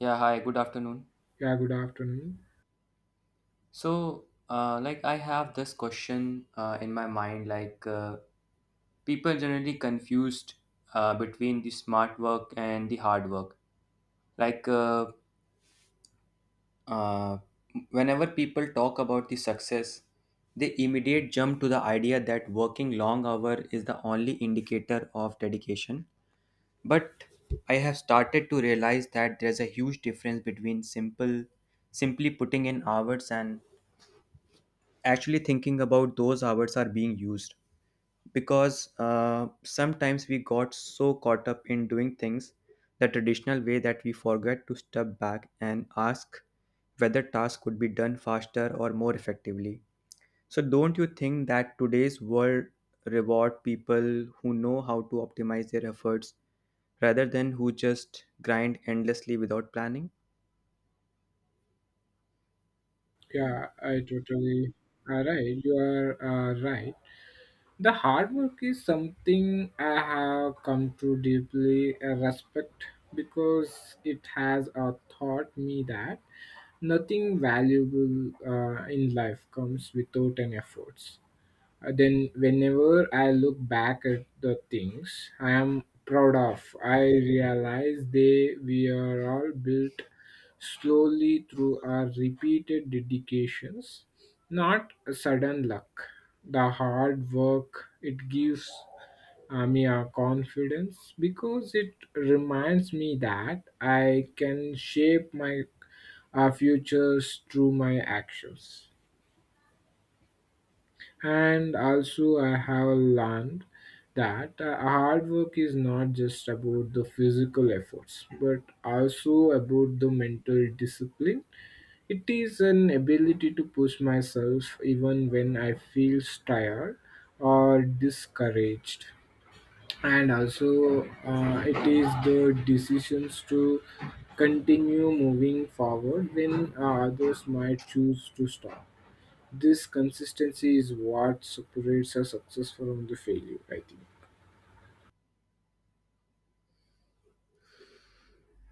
Yeah, hi, good afternoon. Yeah, good afternoon. So I have this question in my mind. Like, People generally confused between the smart work and the hard work. Like, uh, uh, Whenever people talk about the success, they immediate jump to the idea that working long hour is the only indicator of dedication. But I have started to realize that there's a huge difference between simply putting in hours and actually thinking about those hours are being used, because sometimes we got so caught up in doing things the traditional way that we forget to step back and ask whether tasks could be done faster or more effectively. So don't you think that today's world reward people who know how to optimize their efforts rather than who just grind endlessly without planning? Yeah, I totally are right. You are right. The hard work is something I have come to deeply respect because it has taught me that nothing valuable in life comes without an effort. Then whenever I look back at the things I am proud of, I realize they we are all built slowly through our repeated dedications, not a sudden luck. The hard work it gives me a confidence because it reminds me that I can shape my futures through my actions. And also, I have learned that hard work is not just about the physical efforts, but also about the mental discipline. It is an ability to push myself even when I feel tired or discouraged. And also, it is the decisions to continue moving forward when others might choose to stop. This consistency is what separates a success from the failure, I think.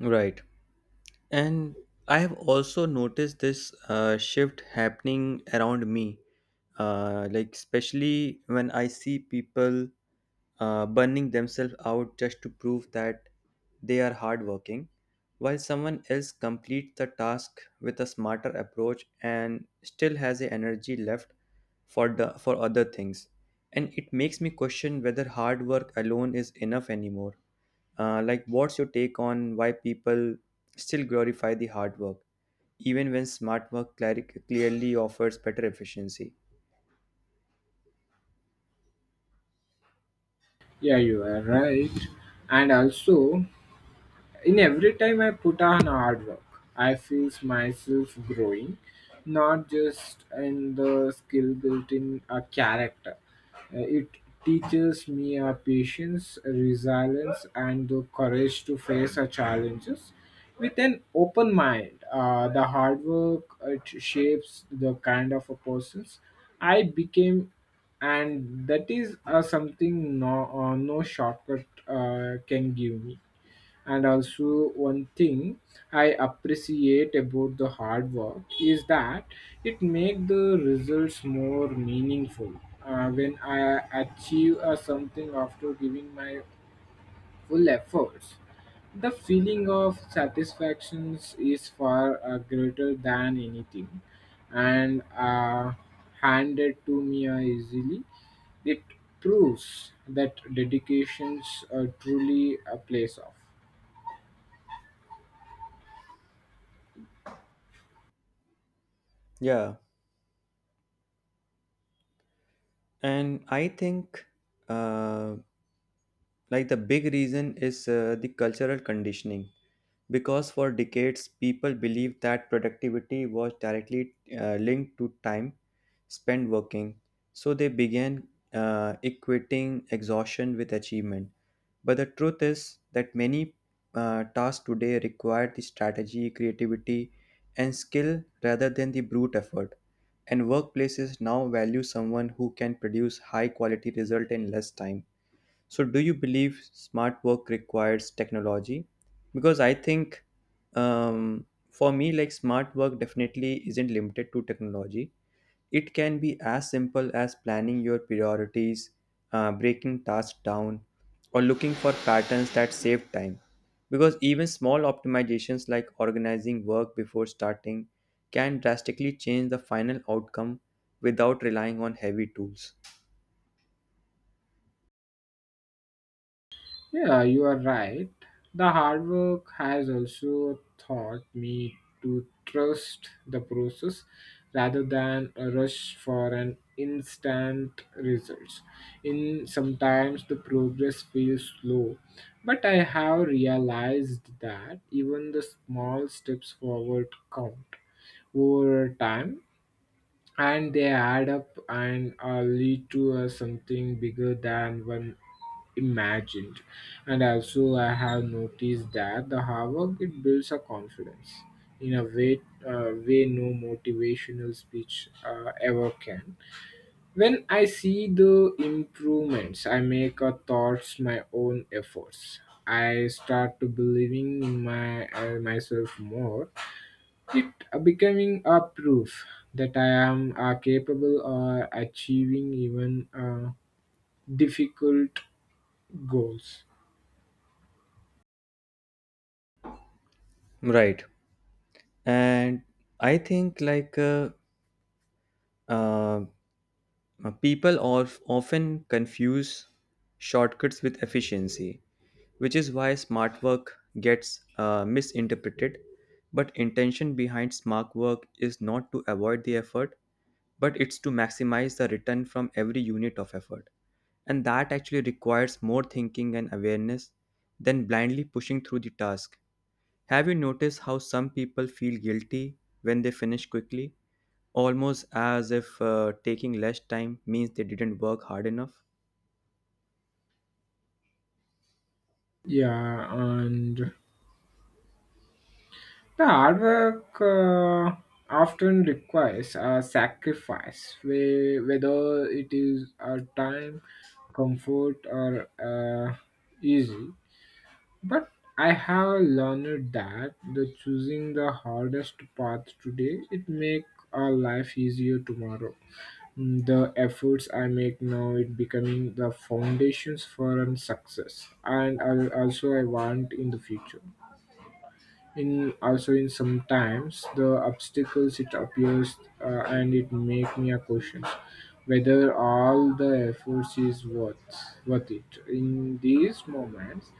Right. And I have also noticed this shift happening around me, like especially when I see people burning themselves out just to prove that they are hardworking, while someone else completes the task with a smarter approach and still has the energy left for other things. And it makes me question whether hard work alone is enough anymore. Like, what's your take on why people still glorify the hard work, even when smart work clearly offers better efficiency? Yeah, you are right. And also, in every time I put on hard work, I feel myself growing, not just in the skill built in a character. It teaches me a patience, resilience, and the courage to face our challenges with an open mind. The hard work it shapes the kind of a persons I became, and that is something no no shortcut can give me. And also, one thing I appreciate about the hard work is that it makes the results more meaningful. When I achieve something after giving my full efforts, the feeling of satisfaction is far greater than anything and handed to me easily. It proves that dedications truly a place of. Yeah, and I think uh, like the big reason is the cultural conditioning, because for decades people believed that productivity was directly linked to time spent working, so they began equating exhaustion with achievement. But the truth is that many tasks today require the strategy, creativity, and skill rather than the brute effort. And workplaces now value someone who can produce high quality result in less time. So, do you believe smart work requires technology? Because I think, um, for me, like, smart work definitely isn't limited to technology. It can be as simple as planning your priorities, breaking tasks down, or looking for patterns that save time. Because even small optimizations like organizing work before starting can drastically change the final outcome without relying on heavy tools. Yeah, you are right. The hard work has also taught me to trust the process rather than a rush for an instant results. In sometimes the progress feels slow, but I have realized that even the small steps forward count over time and they add up and lead to something bigger than one imagined. And also, I have noticed that the hard work it builds a confidence in a way, way no motivational speech ever can. When I see the improvements I make a thoughts my own efforts, I start to believing in my myself more. It becoming a proof that I am capable of achieving even difficult goals. Right. And I think like uh, people often confuse shortcuts with efficiency, which is why smart work gets misinterpreted. But intention behind smart work is not to avoid the effort, but it's to maximize the return from every unit of effort, and that actually requires more thinking and awareness than blindly pushing through the task. Have you noticed how some people feel guilty when they finish quickly, almost as if taking less time means they didn't work hard enough? Yeah, and the hard work often requires a sacrifice, whether it is a time, comfort, or easy. But I have learned that the choosing the hardest path today it make our life easier tomorrow. Mm, the efforts I make now it becoming the foundations for an success, and I'll also I want in the future. In also in sometimes the obstacles it appears and it make me a question whether all the efforts is worth it in these moments.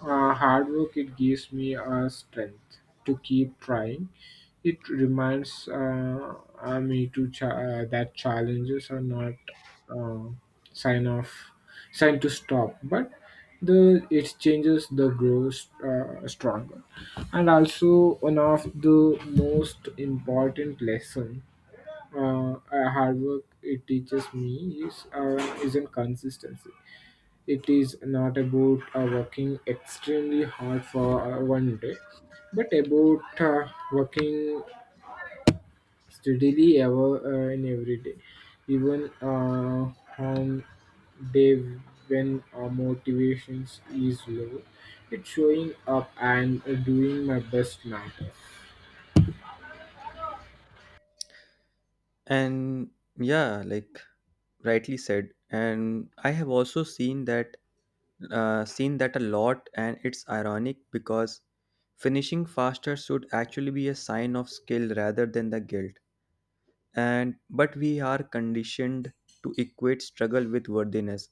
Uh, hard work it gives me a strength to keep trying. It reminds me to that challenges are not uh, sign of sign to stop, but the it changes the grows stronger. And also, one of the most important lesson, hard work it teaches me is in consistency. It is not about working extremely hard for one day, but about working steadily ever in every day, even on day when our motivations is low. It's showing up and doing my best matter. And yeah, like, rightly said. And I have also seen that a lot, and it's ironic because finishing faster should actually be a sign of skill rather than the guilt. And but we are conditioned to equate struggle with worthiness,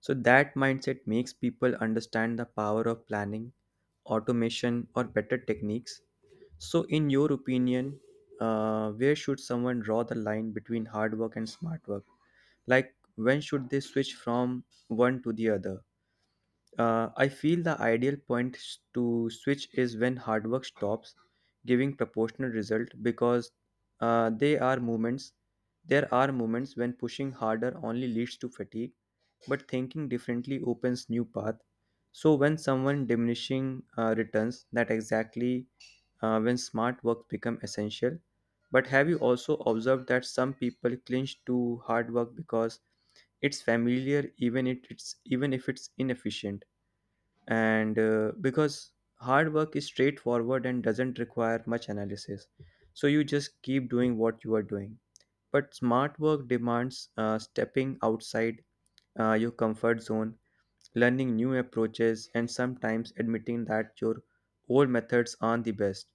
so that mindset makes people understand the power of planning, automation, or better techniques. So in your opinion, where should someone draw the line between hard work and smart work? Like, when should they switch from one to the other? I feel the ideal point to switch is when hard work stops giving proportional result, because they are moments. There are moments when pushing harder only leads to fatigue, but thinking differently opens new path. So when someone diminishing returns, that exactly when smart work become essential. But have you also observed that some people clinch to hard work because it's familiar, even if it's inefficient? And because hard work is straightforward and doesn't require much analysis, so you just keep doing what you are doing, but smart work demands stepping outside your comfort zone, learning new approaches, and sometimes admitting that your old methods aren't the best.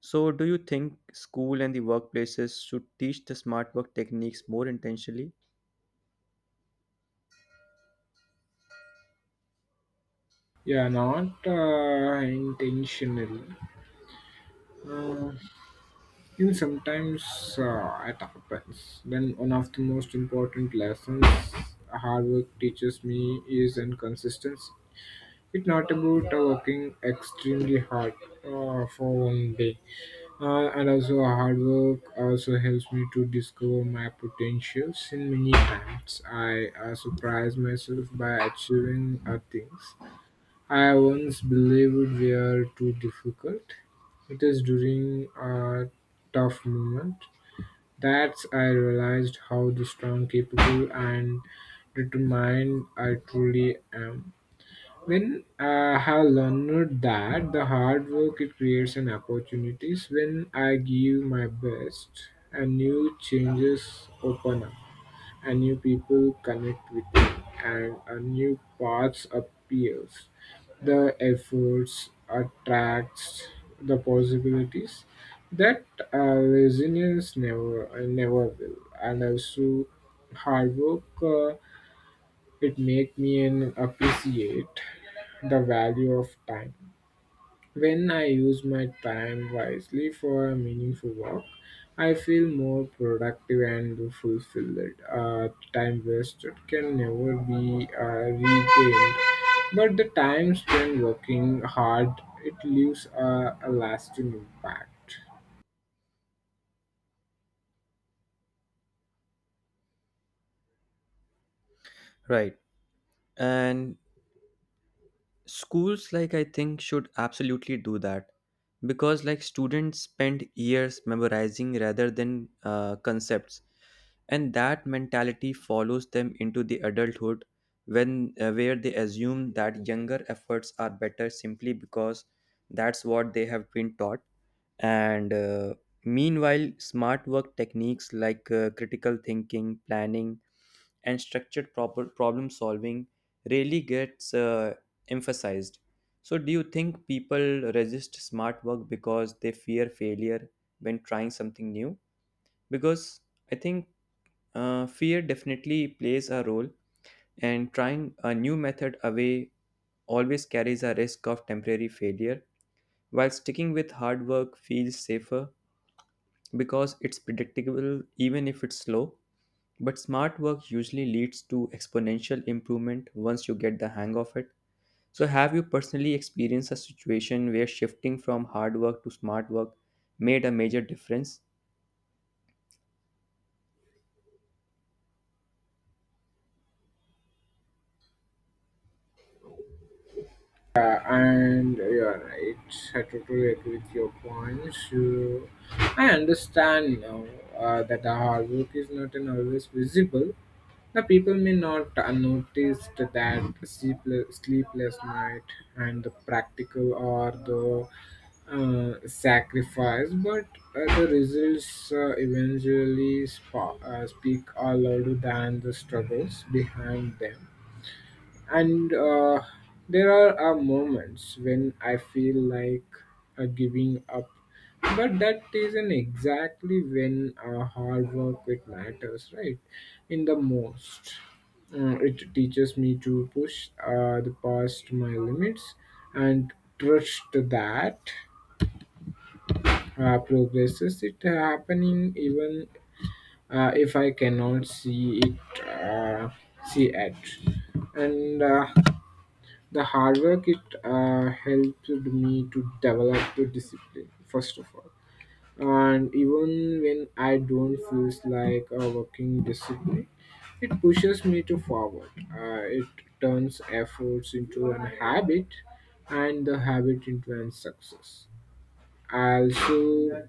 So do you think school and the workplaces should teach the smart work techniques more intentionally? Yeah, not intentionally. Uh, You know, sometimes it happens. Then one of the most important lessons hard work teaches me is inconsistency. It's not about working extremely hard for one day. And also hard work also helps me to discover my potentials in many times. I surprise myself by achieving things I once believed were too difficult. It is during a tough moment that I realized how the strong, capable, and determined I truly am. When I have learned that the hard work it creates and opportunities, when I give my best, and new changes open up, and new people connect with me, and a new paths appears. The efforts attracts the possibilities that resilience never will. And also hard work, it make me an appreciate the value of time. When I use my time wisely for a meaningful work, I feel more productive and fulfilled. Time wasted can never be regained, but the time spent working hard, it leaves a lasting impact. Right. And schools, like, I think, should absolutely do that because, like, students spend years memorizing rather than concepts, and that mentality follows them into the adulthood, when where they assume that younger efforts are better simply because that's what they have been taught. And meanwhile, smart work techniques like critical thinking, planning, and structured proper problem solving really gets emphasized. So, do you think people resist smart work because they fear failure when trying something new? Because I think fear definitely plays a role, and trying a new method away always carries a risk of temporary failure, while sticking with hard work feels safer because it's predictable even if it's slow. But smart work usually leads to exponential improvement once you get the hang of it. So, have you personally experienced a situation where shifting from hard work to smart work made a major difference? Yeah, and you're right. I totally agree with your points. You, I understand now that the hard work is not an always visible. The people may not notice that sleepless night and the practical or the sacrifice, but the results eventually speak are louder than the struggles behind them. And there are moments when I feel like giving up, but that isn't exactly when hard work it matters, right? In the most. It teaches me to push the past my limits and trust that progresses. It happening even if I cannot see it. And the hard work it helped me to develop the discipline first of all. And even when I don't feel like a working discipline, it pushes me to forward, it turns efforts into an habit and the habit into an success. I also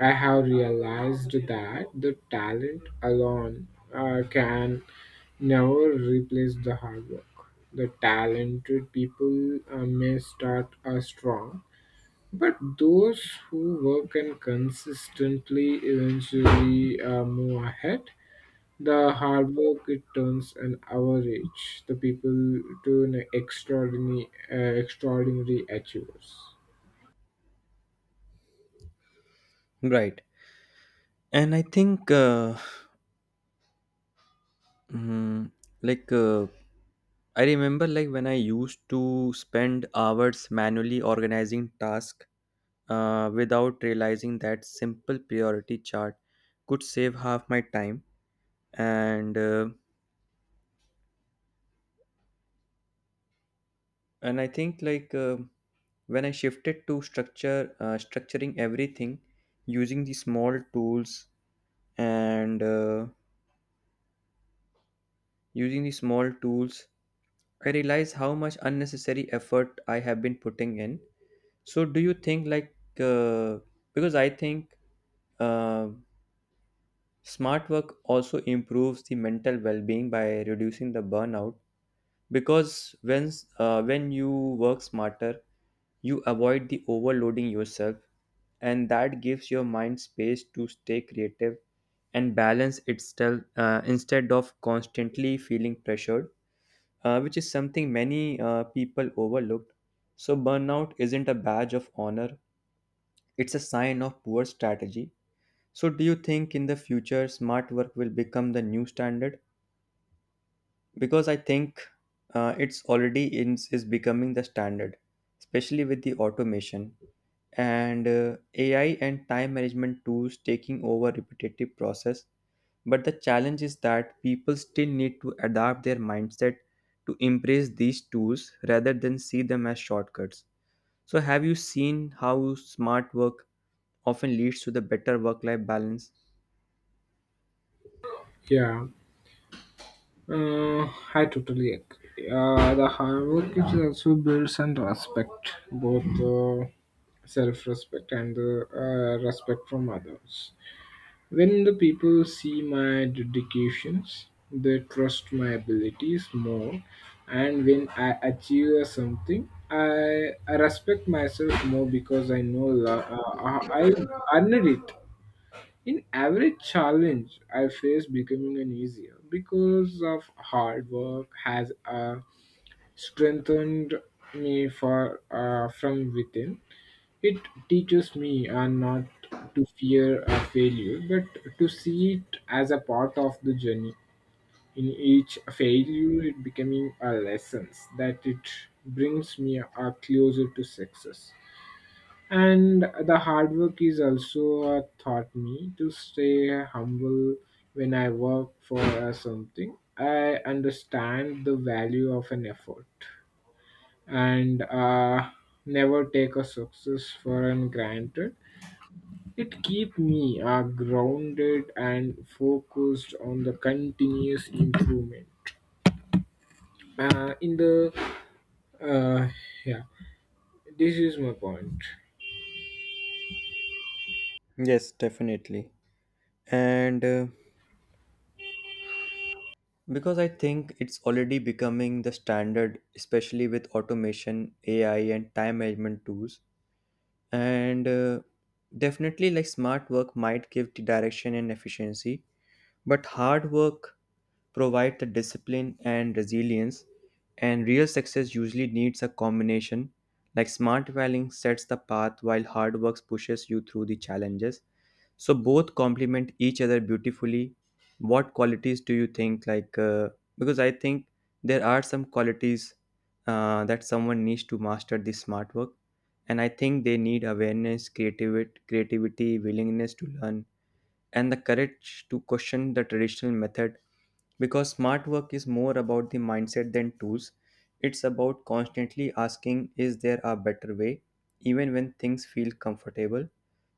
I have realized that the talent alone can never replace the hard work. The talented people may start strong, but those who work and consistently eventually move ahead. The hard work it turns an average the people to an extraordinary extraordinary achievers. Right. And I think, mm, like, uh, I remember, like, when I used to spend hours manually organizing tasks without realizing that simple priority chart could save half my time. And and I think like when I shifted to structure structuring everything using the small tools and uh, using the small tools, I realized how much unnecessary effort I have been putting in. So do you think like, uh, because I think, uh, smart work also improves the mental well-being by reducing the burnout, because when you work smarter, you avoid the overloading yourself, and that gives your mind space to stay creative and balance itself instead of constantly feeling pressured, which is something many people overlooked. So burnout isn't a badge of honor, it's a sign of poor strategy. So do you think in the future smart work will become the new standard? Because I think it's already in, is becoming the standard, especially with the automation and AI and time management tools taking over repetitive process. But the challenge is that people still need to adapt their mindset to embrace these tools rather than see them as shortcuts. So, have you seen how smart work often leads to the better work life balance? Yeah. Uh, I totally agree. The hard work it also builds and respect, both self-respect and the respect from others. When the people see my dedications, they trust my abilities more, and when I achieve something, I respect myself more because I know I earned it. In every challenge I face becoming an easier because of hard work has strengthened me for from within. It teaches me not to fear a failure, but to see it as a part of the journey. In each failure, it becoming a lessons that it brings me closer to success. And the hard work is also taught me to stay humble when I work for something. I understand the value of an effort and never take a success for an granted. It keep me grounded and focused on the continuous improvement. In the uh, yeah, this is my point. Yes, definitely. And because I think it's already becoming the standard, especially with automation, AI, and time management tools. And definitely, like, smart work might give the direction and efficiency, but hard work provides the discipline and resilience, and real success usually needs a combination. Like, smart valuing sets the path while hard work pushes you through the challenges. So both complement each other beautifully. What qualities do you think, like, because I think there are some qualities that someone needs to master the smart work? And I think they need awareness, creativity, willingness to learn, and the courage to question the traditional method, because smart work is more about the mindset than tools. It's about constantly asking, is there a better way, even when things feel comfortable?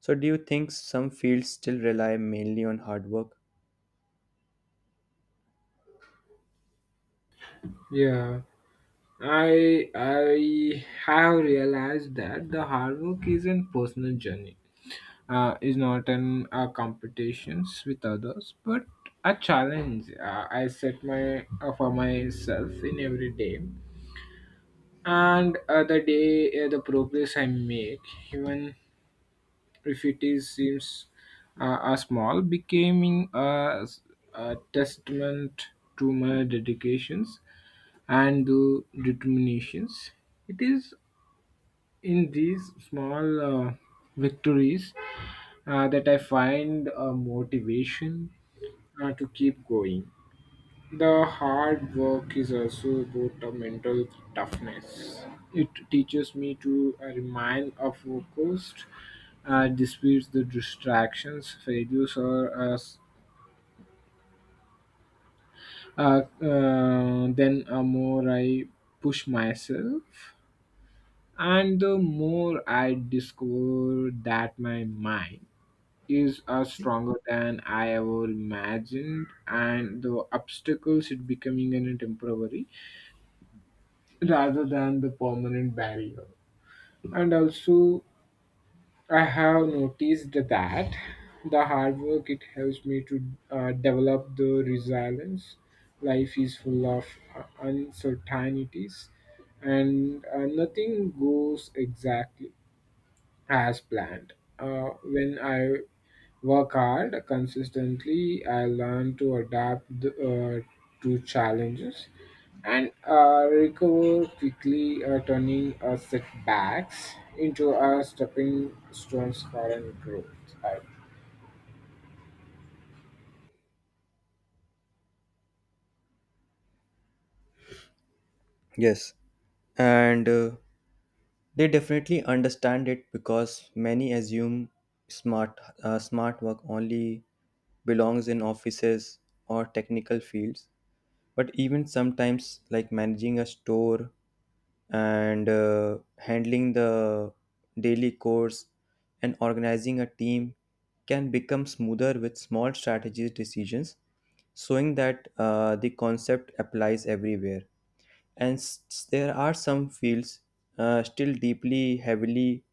So, do you think some fields still rely mainly on hard work? Yeah. I have realized that the hard work is a personal journey, is not an competitions with others, but a challenge I set my for myself in every day, and the progress I make, even if it is seems a small, becoming a testament to my dedications and the determinations. It is in these small victories that I find a motivation to keep going. The hard work is also about a mental toughness. It teaches me to remain focused, disputes the distractions, failures, or as then more I push myself, and the more I discover that my mind is stronger than I ever imagined, and the obstacles it becoming a temporary rather than the permanent barrier. And also, I have noticed that the hard work it helps me to develop the resilience. Life is full of uncertainties, and nothing goes exactly as planned. When I work hard consistently, I learn to adapt the, to challenges and recover quickly, turning setbacks into a stepping stones for and growth. I, Yes, and they definitely understand it, because many assume smart work only belongs in offices or technical fields. But even sometimes, like, managing a store and handling the daily chores and organizing a team can become smoother with small strategy decisions, showing that the concept applies everywhere. And there are some fields still deeply heavily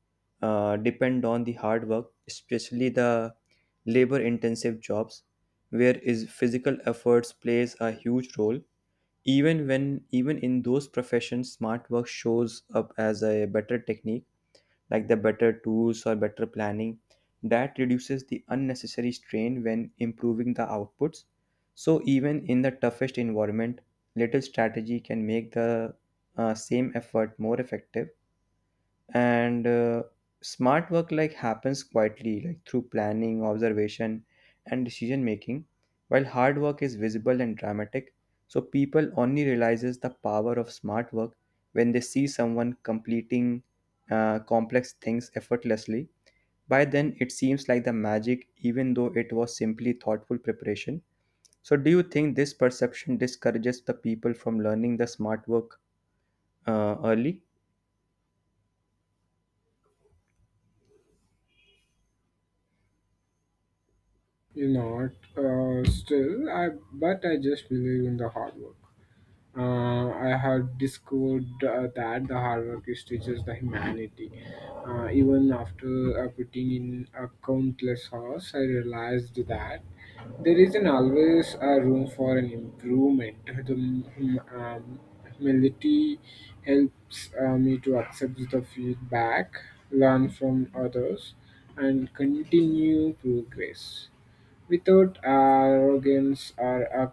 depend on the hard work, especially the labor intensive jobs where is physical efforts plays a huge role. Even in those professions, smart work shows up as a better technique, like the better tools or better planning that reduces the unnecessary strain when improving the outputs. So even in the toughest environment, little strategy can make the same effort more effective. And smart work, like, happens quietly, like through planning, observation, and decision making, while hard work is visible and dramatic. So people only realizes the power of smart work when they see someone completing complex things effortlessly. By then it seems like the magic, even though it was simply thoughtful preparation. So do you think this perception discourages the people from learning the smart work early? you know, still, I but I just believe in the hard work. I had discovered that the hard work is teaches the humanity. Even after putting in countless hours, I realized that there isn't always a room for an improvement. The humility helps me to accept the feedback, learn from others, and continue progress without arrogance or a.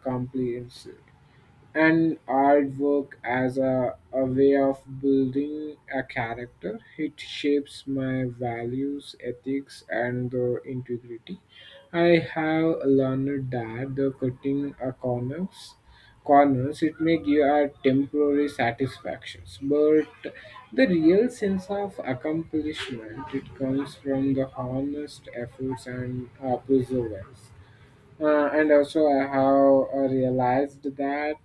And artwork as a way of building a character. It shapes my values, ethics, and the integrity. I have learned that the cutting a corners it may give a temporary satisfactions, but the real sense of accomplishment it comes from the honest efforts and perseverance. Uh, and also I have realized that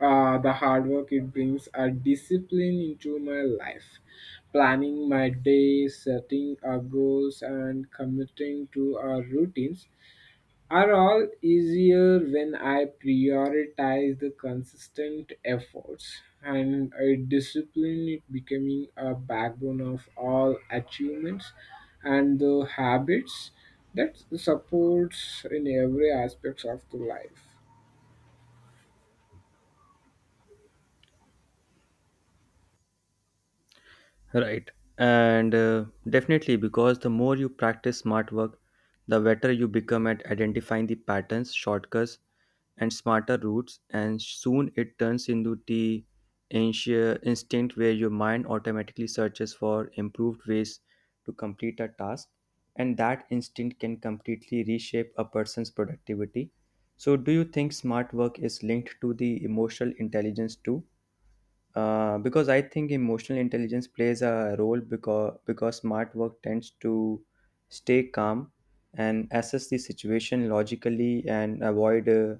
the hard work it brings a discipline into my life, planning my day, setting our goals, and committing to our routines are all easier when I prioritize the consistent efforts. And a discipline it becoming a backbone of all achievements and the habits that supports in every aspects of the life. Right. And definitely, because the more you practice smart work, the better you become at identifying the patterns, shortcuts, and smarter routes. And soon it turns into the instinct where your mind automatically searches for improved ways to complete a task. And that instinct can completely reshape a person's productivity. So, do you think smart work is linked to the emotional intelligence too? Because I think emotional intelligence plays a role, because smart work tends to stay calm and assess the situation logically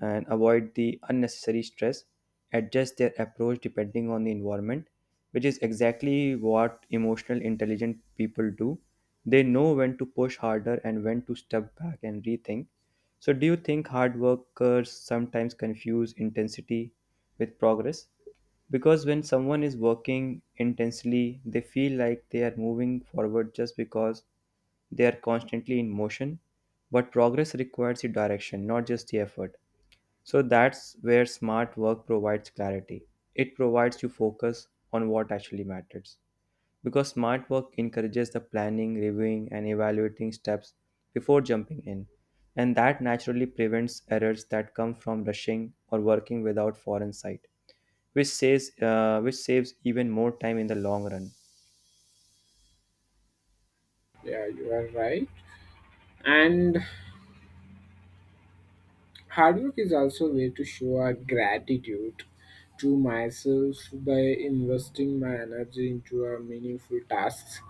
and avoid the unnecessary stress, adjust their approach depending on the environment, which is exactly what emotional intelligent people do. They know when to push harder and when to step back and rethink. So, do you think hard workers sometimes confuse intensity with progress? Because when someone is working intensely, they feel like they are moving forward just because they are constantly in motion. But progress requires the direction, not just the effort. So that's where smart work provides clarity. It provides you focus on what actually matters. Because smart work encourages the planning, reviewing, and evaluating steps before jumping in. And that naturally prevents errors that come from rushing or working without foreign sight, which saves even more time in the long run. Yeah, you are right. And hard work is also a way to show our gratitude to myself by investing my energy into our meaningful tasks.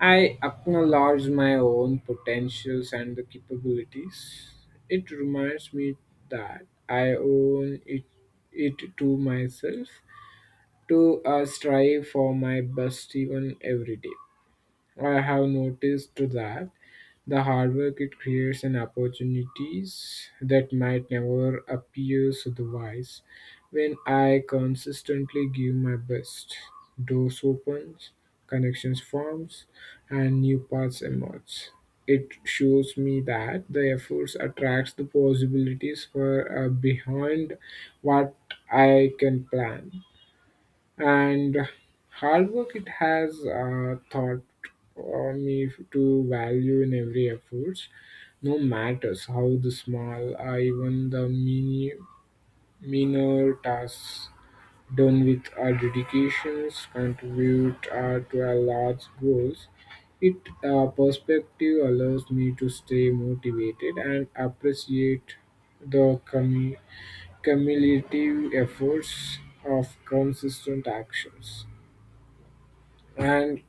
I acknowledge my own potentials and the capabilities. It reminds me that I own it, it to myself to strive for my best even every day. I have noticed that the hard work it creates and opportunities that might never appear otherwise. When I consistently give my best, doors opens, connections forms, and new paths emerge. It shows me that the efforts attracts the possibilities for behind what I can plan. And hard work it has taught me to value in every effort, no matter how the small or even the minor tasks done with a dedication contribute to our large goals. It perspective allows me to stay motivated and appreciate the cumulative efforts of consistent actions. And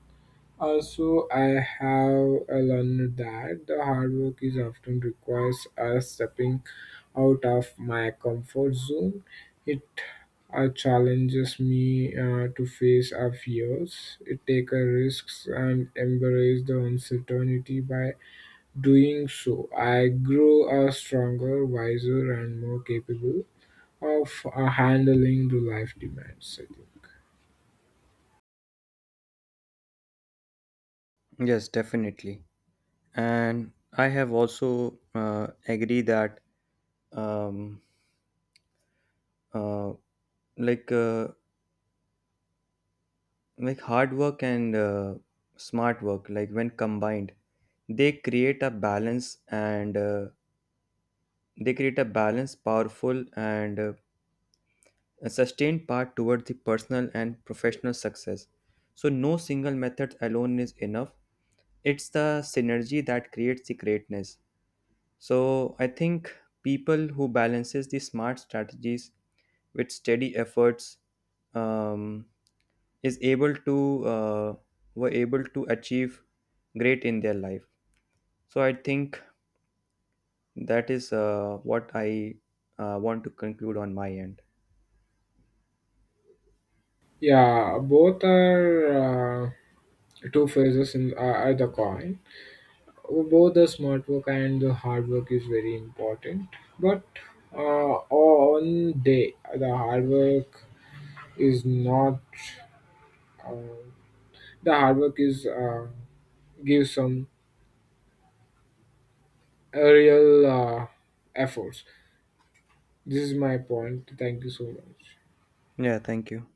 also, I have learned that the hard work is often requires us stepping out of my comfort zone. It challenges me to face our fears, it takes risks, and embrace the uncertainty. By doing so, I grow a stronger, wiser, and more capable of handling the life demands, I think. Yes, definitely. And I have also agree that, um, uh, like uh, like, hard work and smart work, like, when combined, they create a balance and uh, they create a balance powerful and a sustained path toward the personal and professional success. So, no single method alone is enough. It's the synergy that creates the greatness. So, I think people who balances the smart strategies with steady efforts, um, is able to were able to achieve great in their life. So, I think that is what I want to conclude on my end. Yeah, both are. Two phases in are the coin. Both the smart work and the hard work is very important, but on day the hard work is not. Uh, the hard work is gives some real efforts. This is my point. Thank you so much. Yeah, thank you.